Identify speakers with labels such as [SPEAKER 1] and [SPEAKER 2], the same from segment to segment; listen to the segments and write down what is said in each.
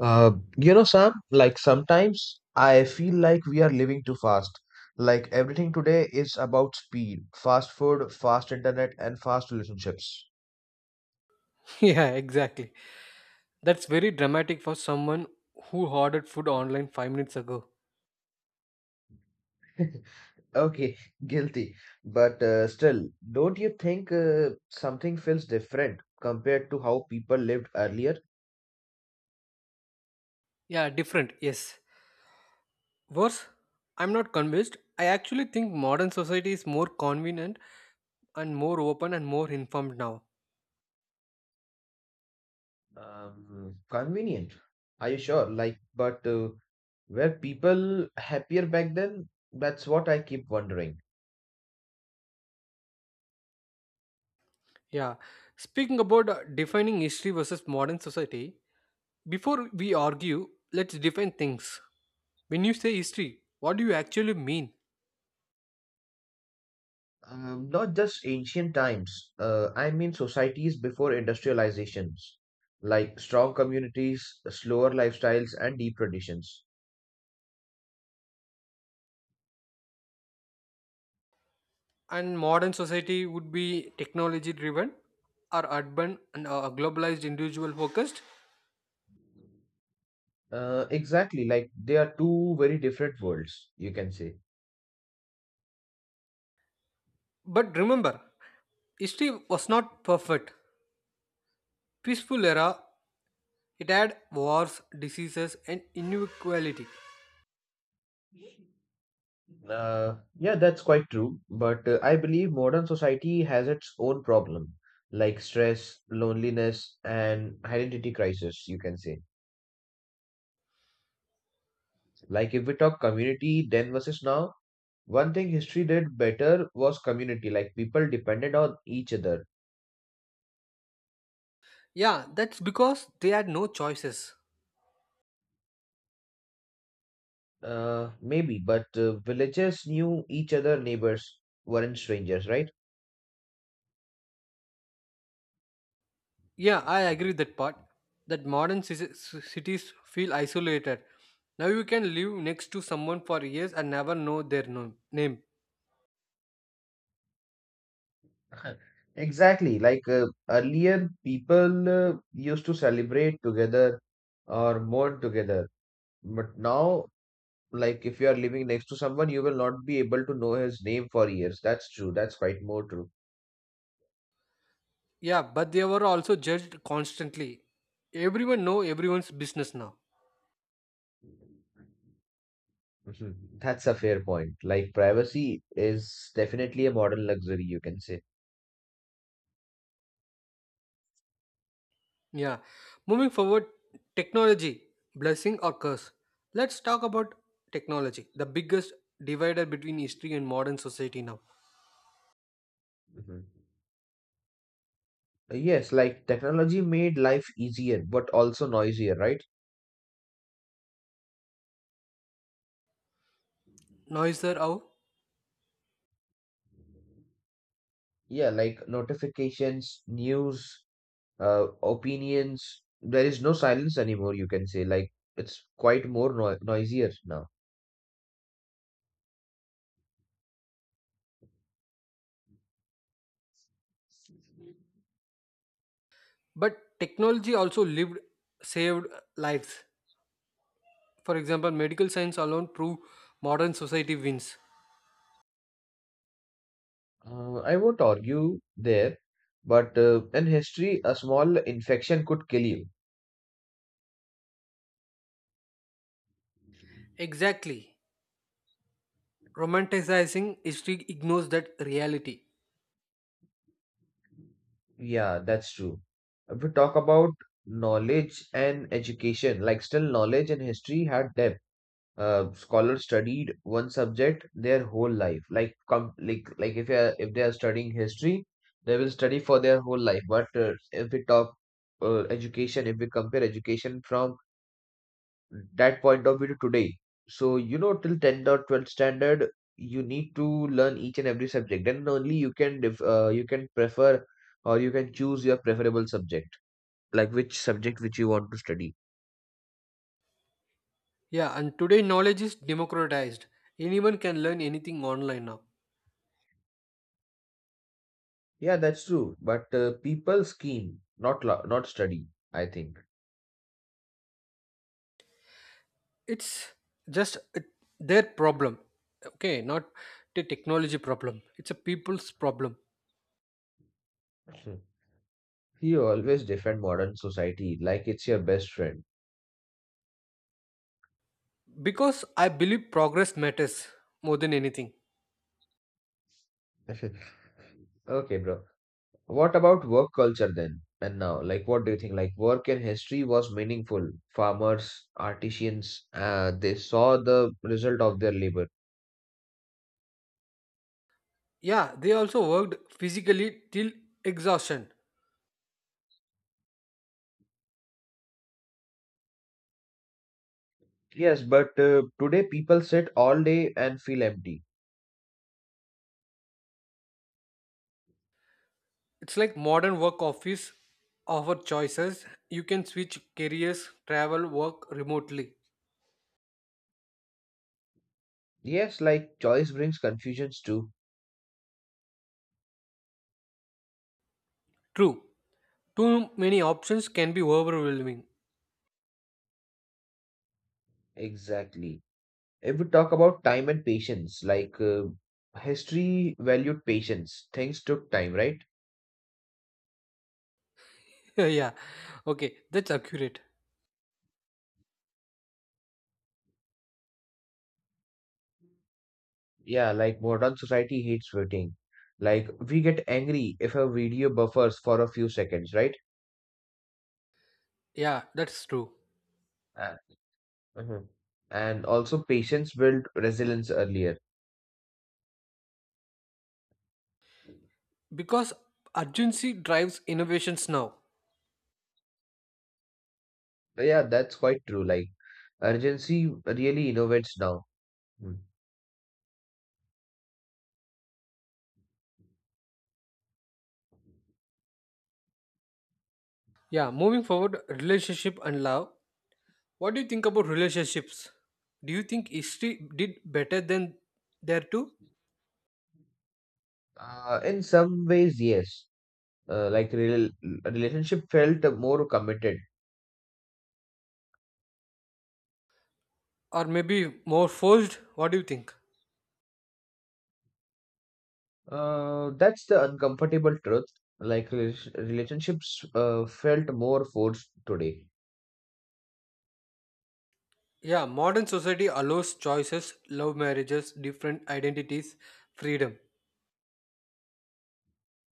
[SPEAKER 1] Uh, Sam, like sometimes I feel like we are living too fast. Like everything today is about speed, fast food, fast internet, and fast relationships.
[SPEAKER 2] Yeah, exactly. That's very dramatic for someone who ordered food online 5 minutes ago.
[SPEAKER 1] Okay, guilty. But still, don't you think something feels different compared to how people lived earlier?
[SPEAKER 2] Yeah, different, yes. Worse, I'm not convinced. I actually think modern society is more convenient and more open and more informed now.
[SPEAKER 1] Convenient. Are you sure? Like, but were people happier back then? That's what I keep wondering.
[SPEAKER 2] Yeah. Speaking about defining history versus modern society, before we argue, let's define things. When you say history, what do you actually mean?
[SPEAKER 1] Not just ancient times, I mean societies before industrializations, like strong communities, slower lifestyles, and deep traditions.
[SPEAKER 2] And modern society would be technology driven, or urban and globalized individual focused.
[SPEAKER 1] Exactly, like they are two very different worlds, you can say.
[SPEAKER 2] But remember, history was not perfect. Peaceful era, it had wars, diseases, and inequality.
[SPEAKER 1] Yeah, that's quite true, but I believe modern society has its own problem, like stress, loneliness, and identity crisis, you can say. Like if we talk community then versus now, one thing history did better was community. Like people depended on each other.
[SPEAKER 2] Yeah, that's because they had no choices.
[SPEAKER 1] Maybe, but villages knew each other, neighbors weren't strangers, right?
[SPEAKER 2] Yeah, I agree with that part. That modern cities feel isolated. Now you can live next to someone for years and never know their name.
[SPEAKER 1] Exactly. Like earlier, people used to celebrate together or mourn together. But now, like if you are living next to someone, you will not be able to know his name for years. That's true. That's quite more true.
[SPEAKER 2] Yeah, but they were also judged constantly. Everyone know everyone's business now.
[SPEAKER 1] Mhm. That's a fair point. Like privacy is definitely a modern luxury, you can say.
[SPEAKER 2] Yeah. Moving forward, technology, blessing or curse. Let's talk about technology, the biggest divider between history and modern society now.
[SPEAKER 1] Mhm. Yes, like technology made life easier, but also noisier, right?
[SPEAKER 2] Noiser out.
[SPEAKER 1] Yeah, like notifications, news, opinions. There is no silence anymore, you can say. Like it's quite more noisier now.
[SPEAKER 2] But technology also lived saved lives. For example, medical science alone prove modern society wins.
[SPEAKER 1] I won't argue there, but in history, a small infection could kill you.
[SPEAKER 2] Exactly. Romanticizing history ignores that reality.
[SPEAKER 1] Yeah, that's true. If we talk about knowledge and education, like still knowledge and history had depth. Scholars studied one subject their whole life. Like com like if they are studying history, they will study for their whole life. But if we talk education, if we compare education from that point of view today. So, till 10th or 12th standard, you need to learn each and every subject. Then only you can prefer or you can choose your preferable subject, like which subject which you want to study.
[SPEAKER 2] Yeah, and today knowledge is democratized. Anyone can learn anything online now.
[SPEAKER 1] Yeah, that's true. But people scheme, not study, I think.
[SPEAKER 2] It's just their problem, okay, not the technology problem, it's a people's problem
[SPEAKER 1] Mhm. He always defend modern society like it's your best friend.
[SPEAKER 2] because I believe progress matters more than anything.
[SPEAKER 1] Okay, bro. What about work culture then? And now, like, what do you think? Like, work in history was meaningful. Farmers, artisans, they saw the result of their labor.
[SPEAKER 2] Yeah, they also worked physically till exhaustion.
[SPEAKER 1] Yes, but today people sit all day and feel empty.
[SPEAKER 2] It's like modern work office offer choices, you can switch careers, travel, work remotely.
[SPEAKER 1] Yes, like, choice brings confusions too.
[SPEAKER 2] True, too many options can be overwhelming.
[SPEAKER 1] Exactly. If we talk about time and patience, like, history valued patience. Things took time, right?
[SPEAKER 2] Yeah, okay, that's accurate.
[SPEAKER 1] Yeah, like, modern society hates waiting. Like, we get angry if a video buffers for a few seconds, right?
[SPEAKER 2] Yeah, that's true
[SPEAKER 1] And, Mhm. And also patience build resilience earlier.
[SPEAKER 2] because urgency drives innovations now.
[SPEAKER 1] Yeah, that's quite true. Like urgency really innovates now. Mm.
[SPEAKER 2] Yeah, moving forward, relationship and love. What do you think about relationships? Do you think history did better than there too?
[SPEAKER 1] In some ways, yes. Like real relationship felt more committed.
[SPEAKER 2] Or maybe more forced, what do you think?
[SPEAKER 1] That's the uncomfortable truth. Like relationships felt more forced today.
[SPEAKER 2] Yeah, modern society allows choices, love marriages, different identities, freedom.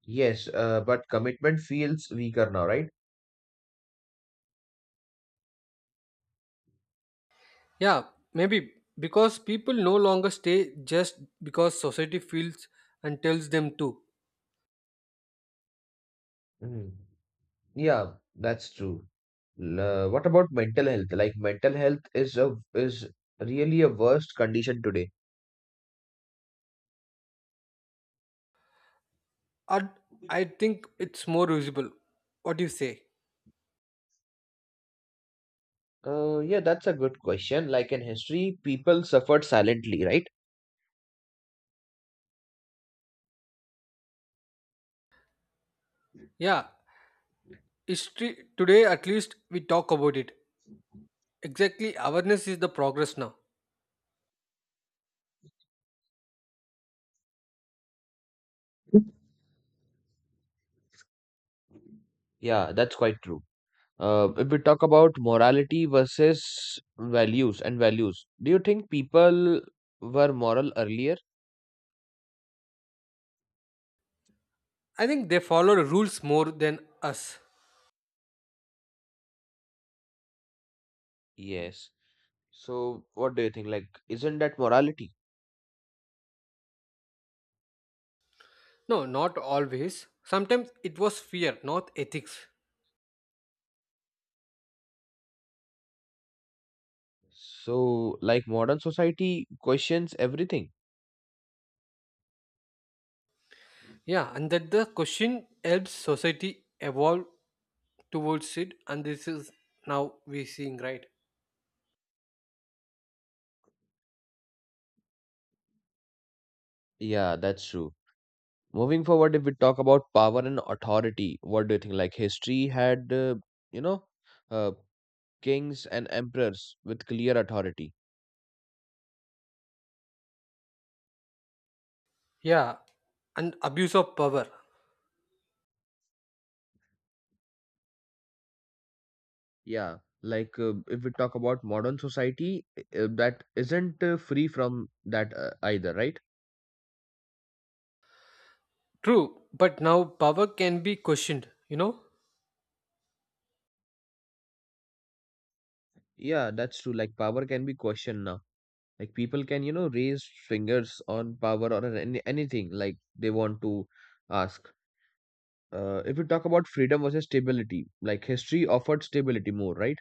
[SPEAKER 1] Yes, but commitment feels weaker now, right?
[SPEAKER 2] Yeah, maybe because people no longer stay just because society feels and tells them to.
[SPEAKER 1] Mhm. Yeah, that's true. What about mental health? Like mental health is really a worst condition today.
[SPEAKER 2] Or I think it's more usable, what do you say?
[SPEAKER 1] Yeah, that's a good question. Like in history, people suffered silently, right?
[SPEAKER 2] Yeah, history today at least we talk about it. Exactly, awareness is the progress now.
[SPEAKER 1] Yeah, that's quite true. If we talk about morality versus values, do you think people were moral earlier?
[SPEAKER 2] I think they follow the rules more than us.
[SPEAKER 1] Yes. So, what do you think? Like, isn't that morality?
[SPEAKER 2] No, not always, sometimes it was fear, not ethics.
[SPEAKER 1] So, like, modern society questions everything.
[SPEAKER 2] Yeah, and that the question helps society evolve towards it, and this is now we seeing, right?
[SPEAKER 1] Yeah, that's true. Moving forward, if we talk about power and authority, what do you think? Like history had, you know, uh, kings and emperors with clear authority.
[SPEAKER 2] Yeah, and abuse of power.
[SPEAKER 1] Yeah, like if we talk about modern society, that isn't free from that either, right?
[SPEAKER 2] True, but now power can be questioned, you know.
[SPEAKER 1] Yeah, that's true. Like power can be questioned now. Like people can, raise fingers on power or on anything like they want to ask. If we talk about freedom versus stability, like history offered stability more, right?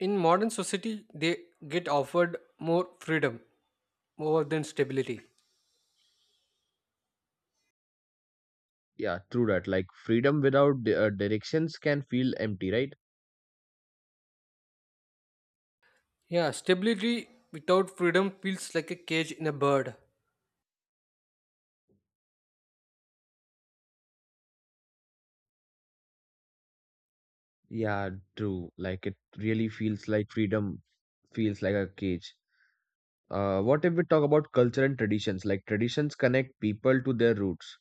[SPEAKER 2] In modern society they get offered more freedom more than stability.
[SPEAKER 1] Yeah, true that. Like freedom without directions can feel empty, right?
[SPEAKER 2] Yeah, stability without freedom feels like a cage in a bird.
[SPEAKER 1] Yeah, true. Like it really feels like freedom feels like a cage. What if we talk about culture and traditions? Like traditions connect people to their roots.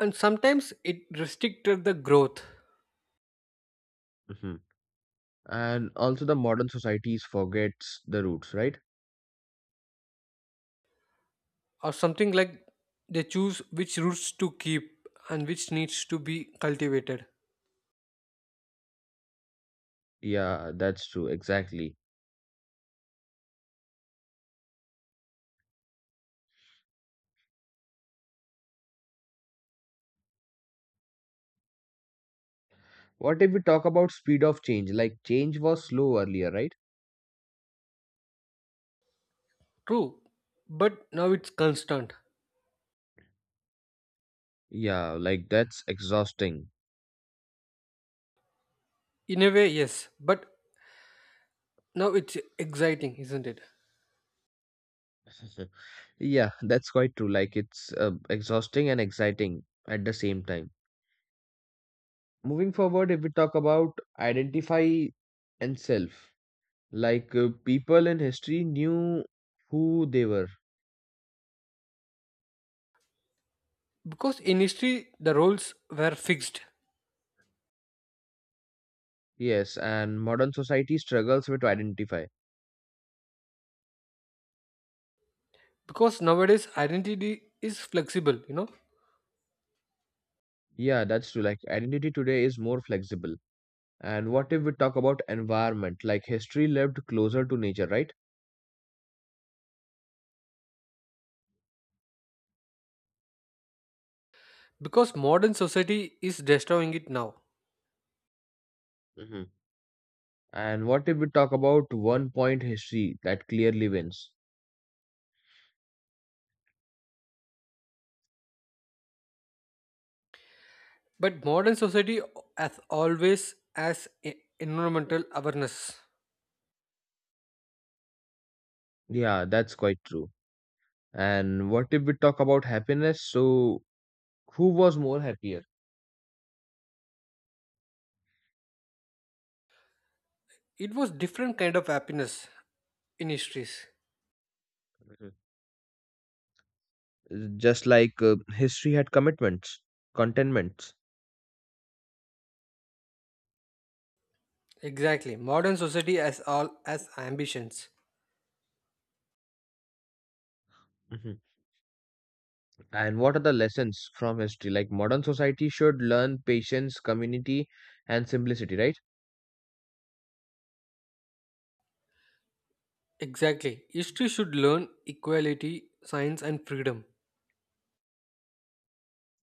[SPEAKER 2] And sometimes it restricted the growth.
[SPEAKER 1] Hmm. And also the modern societies forgets the roots, right?
[SPEAKER 2] Or something like they choose which roots to keep and which needs to be cultivated.
[SPEAKER 1] Yeah, that's true. Exactly. What if we talk about speed of change? Like change was slow earlier, right?
[SPEAKER 2] True, but now it's constant.
[SPEAKER 1] Yeah, like that's exhausting.
[SPEAKER 2] In a way, yes, but now it's exciting, isn't it?
[SPEAKER 1] Yeah, that's quite true. Like it's exhausting and exciting at the same time. Moving forward, if we talk about identify and self, like people in history knew who they were.
[SPEAKER 2] Because in history, the roles were fixed.
[SPEAKER 1] Yes, and modern society struggles with identify.
[SPEAKER 2] Because nowadays, identity is flexible, you know?
[SPEAKER 1] Yeah, that's true. Like identity today is more flexible. And what if we talk about environment? Like history lived closer to nature, right?
[SPEAKER 2] Because modern society is destroying it now.
[SPEAKER 1] Hmm. And what if we talk about one point history that clearly wins?
[SPEAKER 2] But modern society has always has environmental awareness.
[SPEAKER 1] Yeah, that's quite true. And what if we talk about happiness? So, who was more happier?
[SPEAKER 2] It was different kind of happiness in histories.
[SPEAKER 1] Mhm. Just like history had commitments, contentments.
[SPEAKER 2] Exactly. Modern society has all as ambitions.
[SPEAKER 1] Mhm. And what are the lessons from history? Like modern society should learn patience, community, and simplicity, right?
[SPEAKER 2] Exactly. History should learn equality, science and freedom.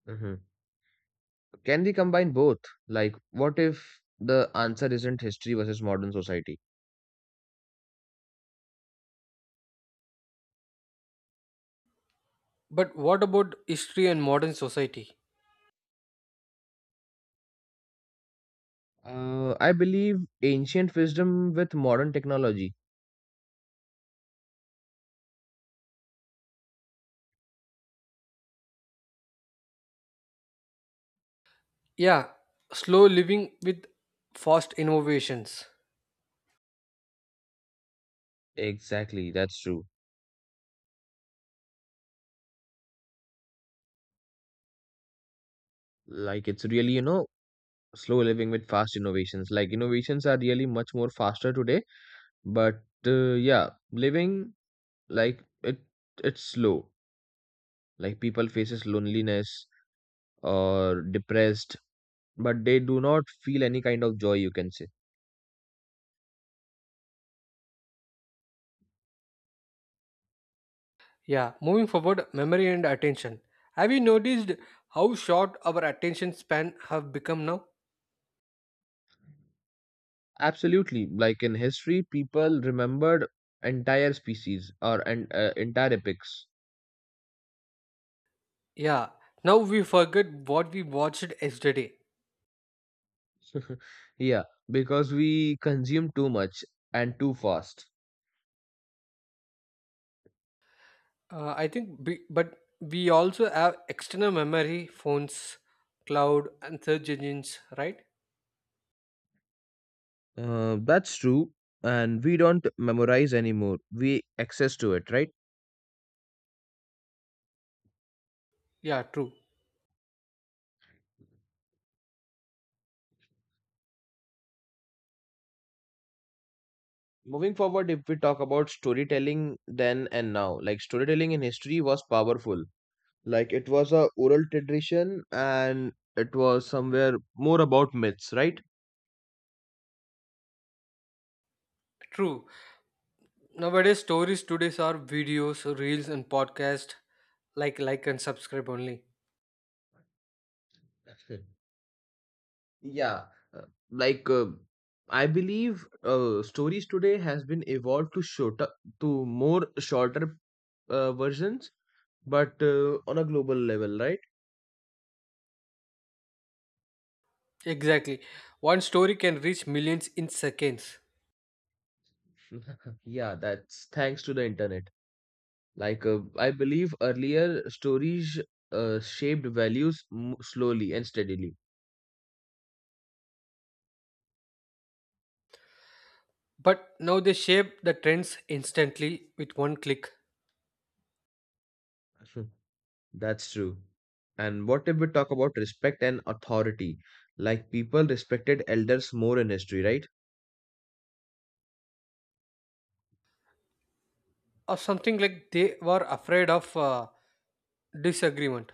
[SPEAKER 1] Hmm. Can we combine both? Like, what if the answer isn't history versus modern society?
[SPEAKER 2] But what about history and modern society?
[SPEAKER 1] I believe ancient wisdom with modern technology.
[SPEAKER 2] Yeah, slow living with fast innovations.
[SPEAKER 1] Exactly, that's true. Like, it's really, slow living with fast innovations, like innovations are really much more faster today, but yeah, living, like it's slow, like people faces loneliness or depressed, but they do not feel any kind of joy, you can say.
[SPEAKER 2] Yeah, moving forward, memory and attention. Have you noticed how short our attention span have become now?
[SPEAKER 1] Absolutely, like in history people remembered entire species or and entire epics.
[SPEAKER 2] Yeah, now we forget what we watched yesterday.
[SPEAKER 1] Yeah, because we consume too much and too fast.
[SPEAKER 2] I think, but we also have external memory, phones, cloud, and search engines, right?
[SPEAKER 1] That's true. And we don't memorize anymore. We access to it, right?
[SPEAKER 2] Yeah, true,
[SPEAKER 1] Moving forward, if we talk about storytelling then and now, like storytelling in history was powerful. Like it was a oral tradition and it was somewhere more about myths, right?
[SPEAKER 2] true. Nowadays, stories today are videos, reels, and podcast. Like, and subscribe only.
[SPEAKER 1] Yeah, uh, like I believe stories today has been evolved to shorter to more shorter versions, but on a global level, right?
[SPEAKER 2] Exactly, one story can reach millions in seconds.
[SPEAKER 1] Yeah, that's thanks to the internet. Like, I believe earlier stories shaped values m slowly and steadily.
[SPEAKER 2] But now they shape the trends instantly with one click.
[SPEAKER 1] That's true. And what if we talk about respect and authority? Like, people respected elders more in history, right?
[SPEAKER 2] Or something like they were afraid of disagreement.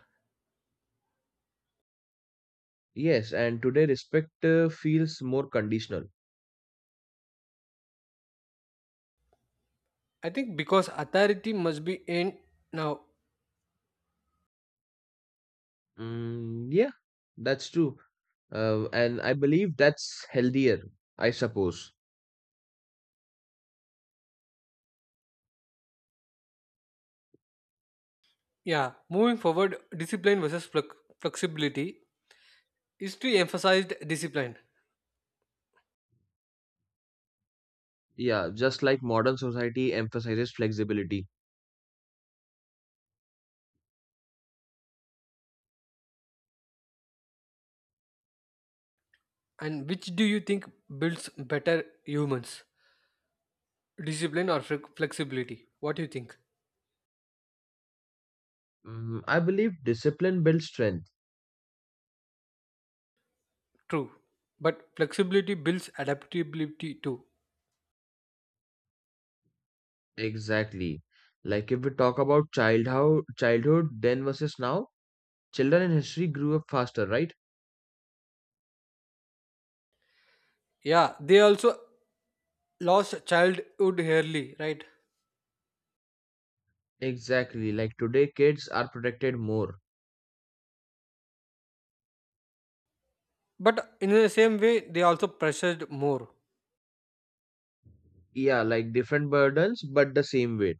[SPEAKER 1] Yes, and today respect feels more conditional.
[SPEAKER 2] I think because authority must be in now.
[SPEAKER 1] Mm, yeah, that's true. And I believe that's healthier, I suppose.
[SPEAKER 2] Yeah, moving forward, discipline versus flexibility is to emphasized discipline.
[SPEAKER 1] Yeah, just like modern society emphasizes flexibility.
[SPEAKER 2] And which do you think builds better humans? Discipline or flexibility? What do you think?
[SPEAKER 1] Mm, I believe discipline builds strength.
[SPEAKER 2] True. But flexibility builds adaptability too.
[SPEAKER 1] Exactly. Like if we talk about childhood, then versus now, children in history grew up faster, right?
[SPEAKER 2] Yeah, they also lost childhood early, right?
[SPEAKER 1] Exactly. Like today, kids are protected more.
[SPEAKER 2] But in the same way, they also pressured more.
[SPEAKER 1] Yeah, like different burdens, but the same weight.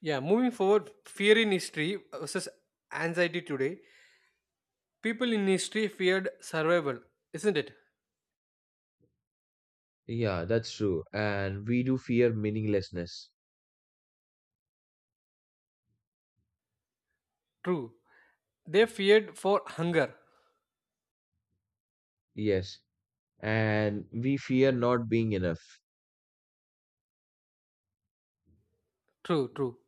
[SPEAKER 2] Yeah, moving forward, fear in history versus anxiety today. People in history feared survival, isn't it?
[SPEAKER 1] Yeah, that's true. And we do fear meaninglessness.
[SPEAKER 2] True. They feared for hunger.
[SPEAKER 1] Yes. And we fear not being enough.
[SPEAKER 2] True, true.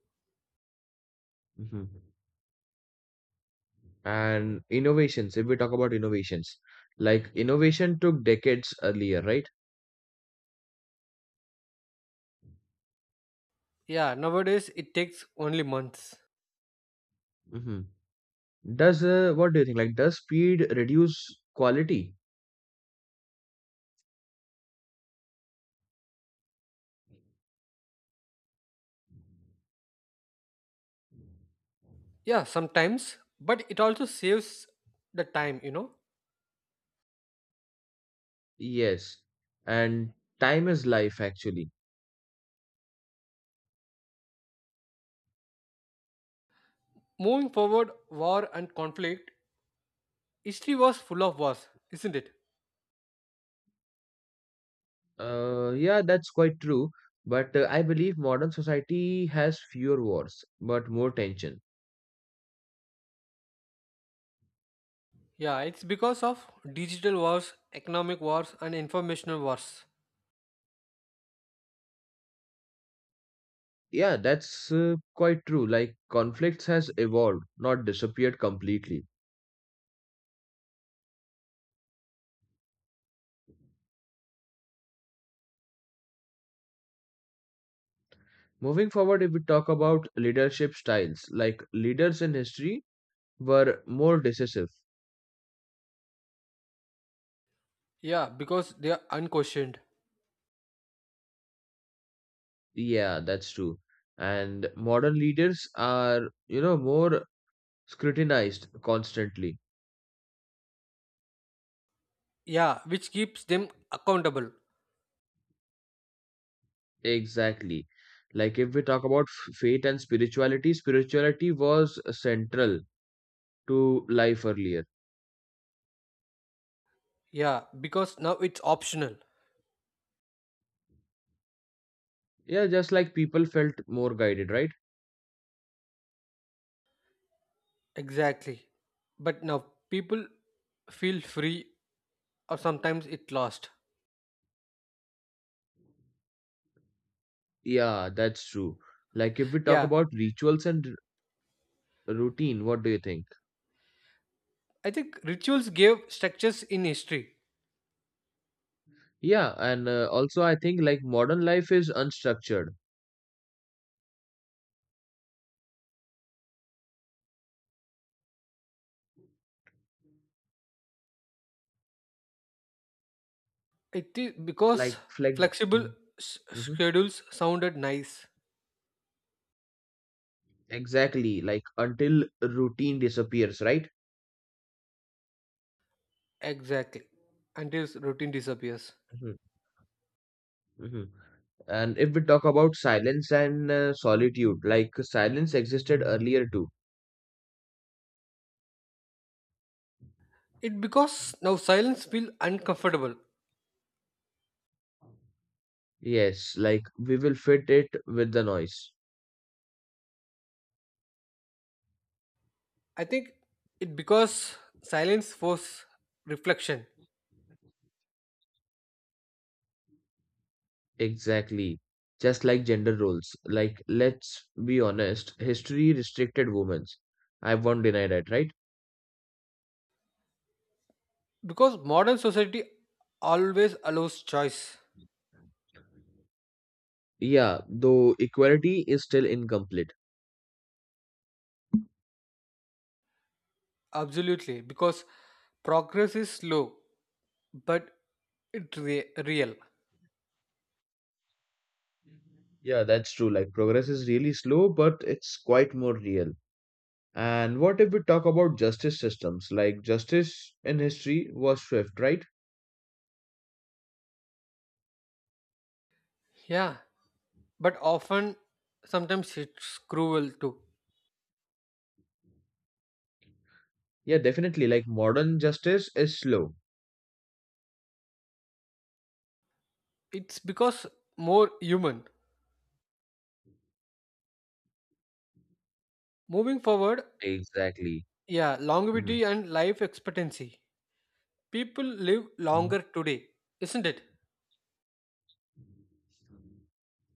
[SPEAKER 1] Mhm. And innovations, if we talk about innovations, like innovation took decades earlier, right?
[SPEAKER 2] Yeah, nowadays it takes only months.
[SPEAKER 1] Mhm. Does What do you think? Like, does speed reduce quality?
[SPEAKER 2] Yeah, sometimes, but it also saves the time, you know.
[SPEAKER 1] Yes, and time is life actually.
[SPEAKER 2] Moving forward, war and conflict, history was full of wars, isn't it?
[SPEAKER 1] Yeah, that's quite true. But I believe modern society has fewer wars, but more tension.
[SPEAKER 2] Yeah, it's because of digital wars, economic wars, and informational wars.
[SPEAKER 1] Yeah, that's quite true. Like, conflicts has evolved, not disappeared completely. Moving forward, if we talk about leadership styles, like leaders in history were more decisive.
[SPEAKER 2] Yeah, because they are unquestioned.
[SPEAKER 1] Yeah, that's true. And modern leaders are, more scrutinized constantly.
[SPEAKER 2] Yeah, which keeps them accountable.
[SPEAKER 1] Exactly. Like if we talk about faith and spirituality was central to life earlier.
[SPEAKER 2] Yeah, because now it's optional.
[SPEAKER 1] Yeah, just like people felt more guided, right?
[SPEAKER 2] Exactly. But now people feel free or sometimes it lost.
[SPEAKER 1] Yeah, that's true. Like if we talk
[SPEAKER 2] Yeah,
[SPEAKER 1] about rituals and routine, what do you think?
[SPEAKER 2] I think rituals gave structures in history.
[SPEAKER 1] Yeah, and also I think like modern life is unstructured.
[SPEAKER 2] It is because
[SPEAKER 1] Like flex.
[SPEAKER 2] flexible
[SPEAKER 1] Mhm.
[SPEAKER 2] schedules sounded nice.
[SPEAKER 1] Exactly, like until routine disappears, right?
[SPEAKER 2] Exactly. Until routine disappears.
[SPEAKER 1] Mm-hmm. Mhm. And if we talk about silence and solitude, like silence existed earlier too.
[SPEAKER 2] It because now silence feel uncomfortable.
[SPEAKER 1] Yes, like we will fit it with the noise.
[SPEAKER 2] I think it because silence force reflection.
[SPEAKER 1] Exactly. Just like gender roles. Like, let's be honest, history restricted women. I won't deny that, right?
[SPEAKER 2] Because modern society always allows choice.
[SPEAKER 1] Yeah, though equality is still incomplete.
[SPEAKER 2] Absolutely, because progress is slow, but it real.
[SPEAKER 1] Yeah, that's true. Like, progress is really slow, but it's quite more real. And what if we talk about justice systems? Like, justice in history was swift, right?
[SPEAKER 2] Yeah, but often, sometimes it's cruel too.
[SPEAKER 1] Yeah, definitely. Like modern justice is slow.
[SPEAKER 2] It's because more human. Moving forward,
[SPEAKER 1] Exactly.
[SPEAKER 2] yeah,
[SPEAKER 1] Hmm.
[SPEAKER 2] longevity and life expectancy. People live
[SPEAKER 1] Hmm.
[SPEAKER 2] longer today, isn't it?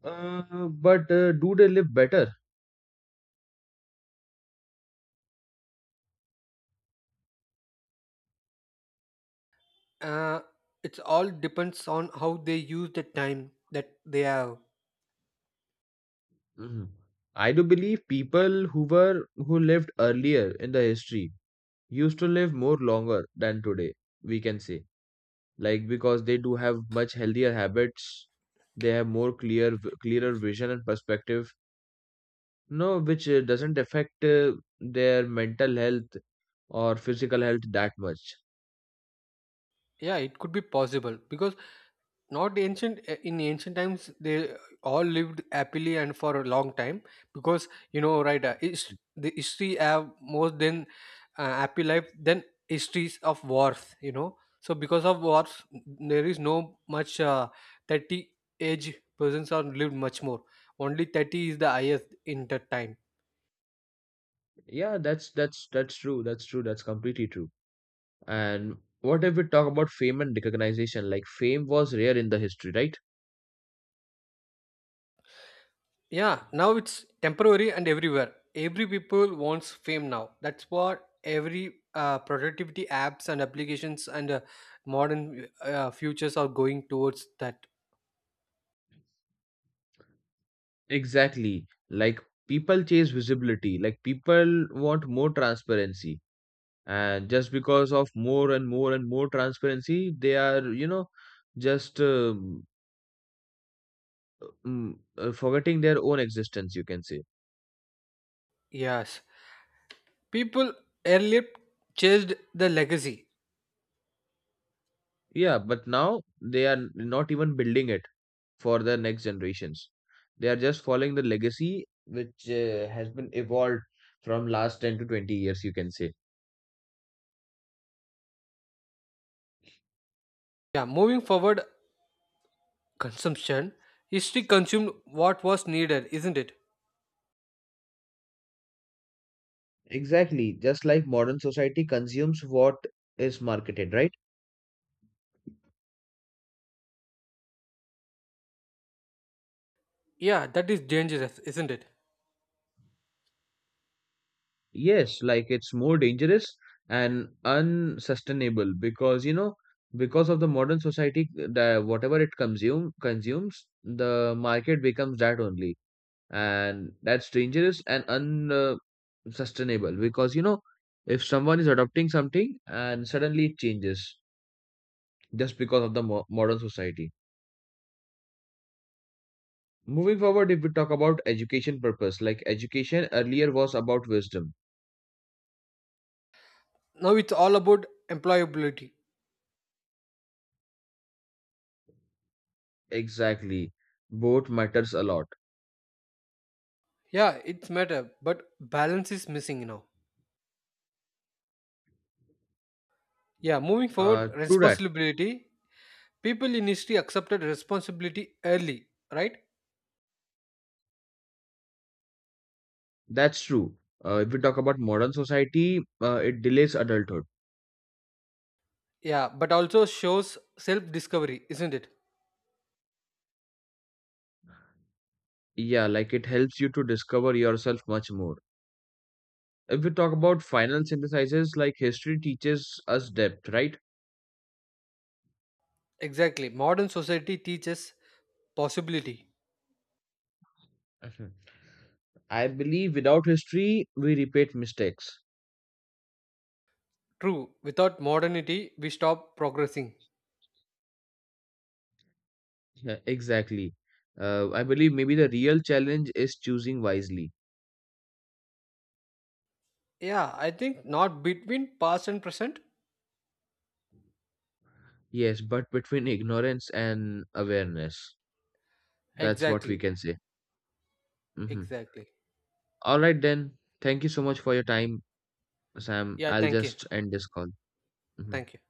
[SPEAKER 1] But do they live better?
[SPEAKER 2] Uh, it all depends on how they use the time that they have.
[SPEAKER 1] Hmm. I do believe people who lived earlier in the history used to live more longer than today. We can say like because they do have much healthier habits. They have clearer vision and perspective. No, which doesn't affect their mental health or physical health that much.
[SPEAKER 2] Yeah, it could be possible because not ancient eh, in ancient times they all lived happily and for a long time because you know, right, the history have more than happy life than histories of wars, you know. So because of wars there is no much 30 age persons are lived much more, only 30 is the highest in that time.
[SPEAKER 1] Yeah, that's true. That's true. That's completely true. And what if we talk about fame and recognition? Like fame was rare in the history, right?
[SPEAKER 2] Yeah, now it's temporary and everywhere. Every people wants fame now. That's what every productivity apps and applications and modern futures are going towards that.
[SPEAKER 1] Exactly. Like people chase visibility. Like people want more transparency. And just because of more and more and more transparency, they are, just forgetting their own existence, you can say.
[SPEAKER 2] Yes, people earlier chased the legacy.
[SPEAKER 1] Yeah, but now they are not even building it for the next generations. They are just following the legacy which has been evolved from last 10 to 20 years, you can say.
[SPEAKER 2] Yeah, moving forward, consumption history consumed what was needed, isn't it?
[SPEAKER 1] Exactly, just like modern society consumes what is marketed, right?
[SPEAKER 2] Yeah, that is dangerous, isn't it?
[SPEAKER 1] Yes, like it's more dangerous and unsustainable, because you know because of the modern society. The whatever it consumes the market becomes that only. And that's dangerous and un sustainable, because if someone is adopting something and suddenly it changes just because of the modern society. Moving forward, if we talk about education purpose, like education earlier was about wisdom.
[SPEAKER 2] Now it's all about employability.
[SPEAKER 1] Exactly, both matters a lot.
[SPEAKER 2] Yeah, it's matter, but balance is missing now. Yeah, moving forward,
[SPEAKER 1] True that.
[SPEAKER 2] responsibility. People in history accepted responsibility early, right?
[SPEAKER 1] That's true. If we talk about modern society, it delays adulthood.
[SPEAKER 2] Yeah, but also shows self discovery, isn't it?
[SPEAKER 1] Yeah, like it helps you to discover yourself much more. If we talk about final synthesizers, like history teaches us depth, right?
[SPEAKER 2] Exactly. Modern society teaches possibility.
[SPEAKER 1] Mhm. I believe without history, we repeat mistakes.
[SPEAKER 2] True. Without modernity, we stop progressing.
[SPEAKER 1] Yeah, exactly. I believe maybe the real challenge is choosing wisely.
[SPEAKER 2] Yeah, I think not between past and present.
[SPEAKER 1] Yes, but between ignorance and awareness. That's what we
[SPEAKER 2] Exactly.
[SPEAKER 1] can say. Hmm.
[SPEAKER 2] Exactly.
[SPEAKER 1] All right, then. Thank you so much for your time, Sam.
[SPEAKER 2] Yeah,
[SPEAKER 1] I'll
[SPEAKER 2] thank you.
[SPEAKER 1] just end this call. Mhm.
[SPEAKER 2] Thank you.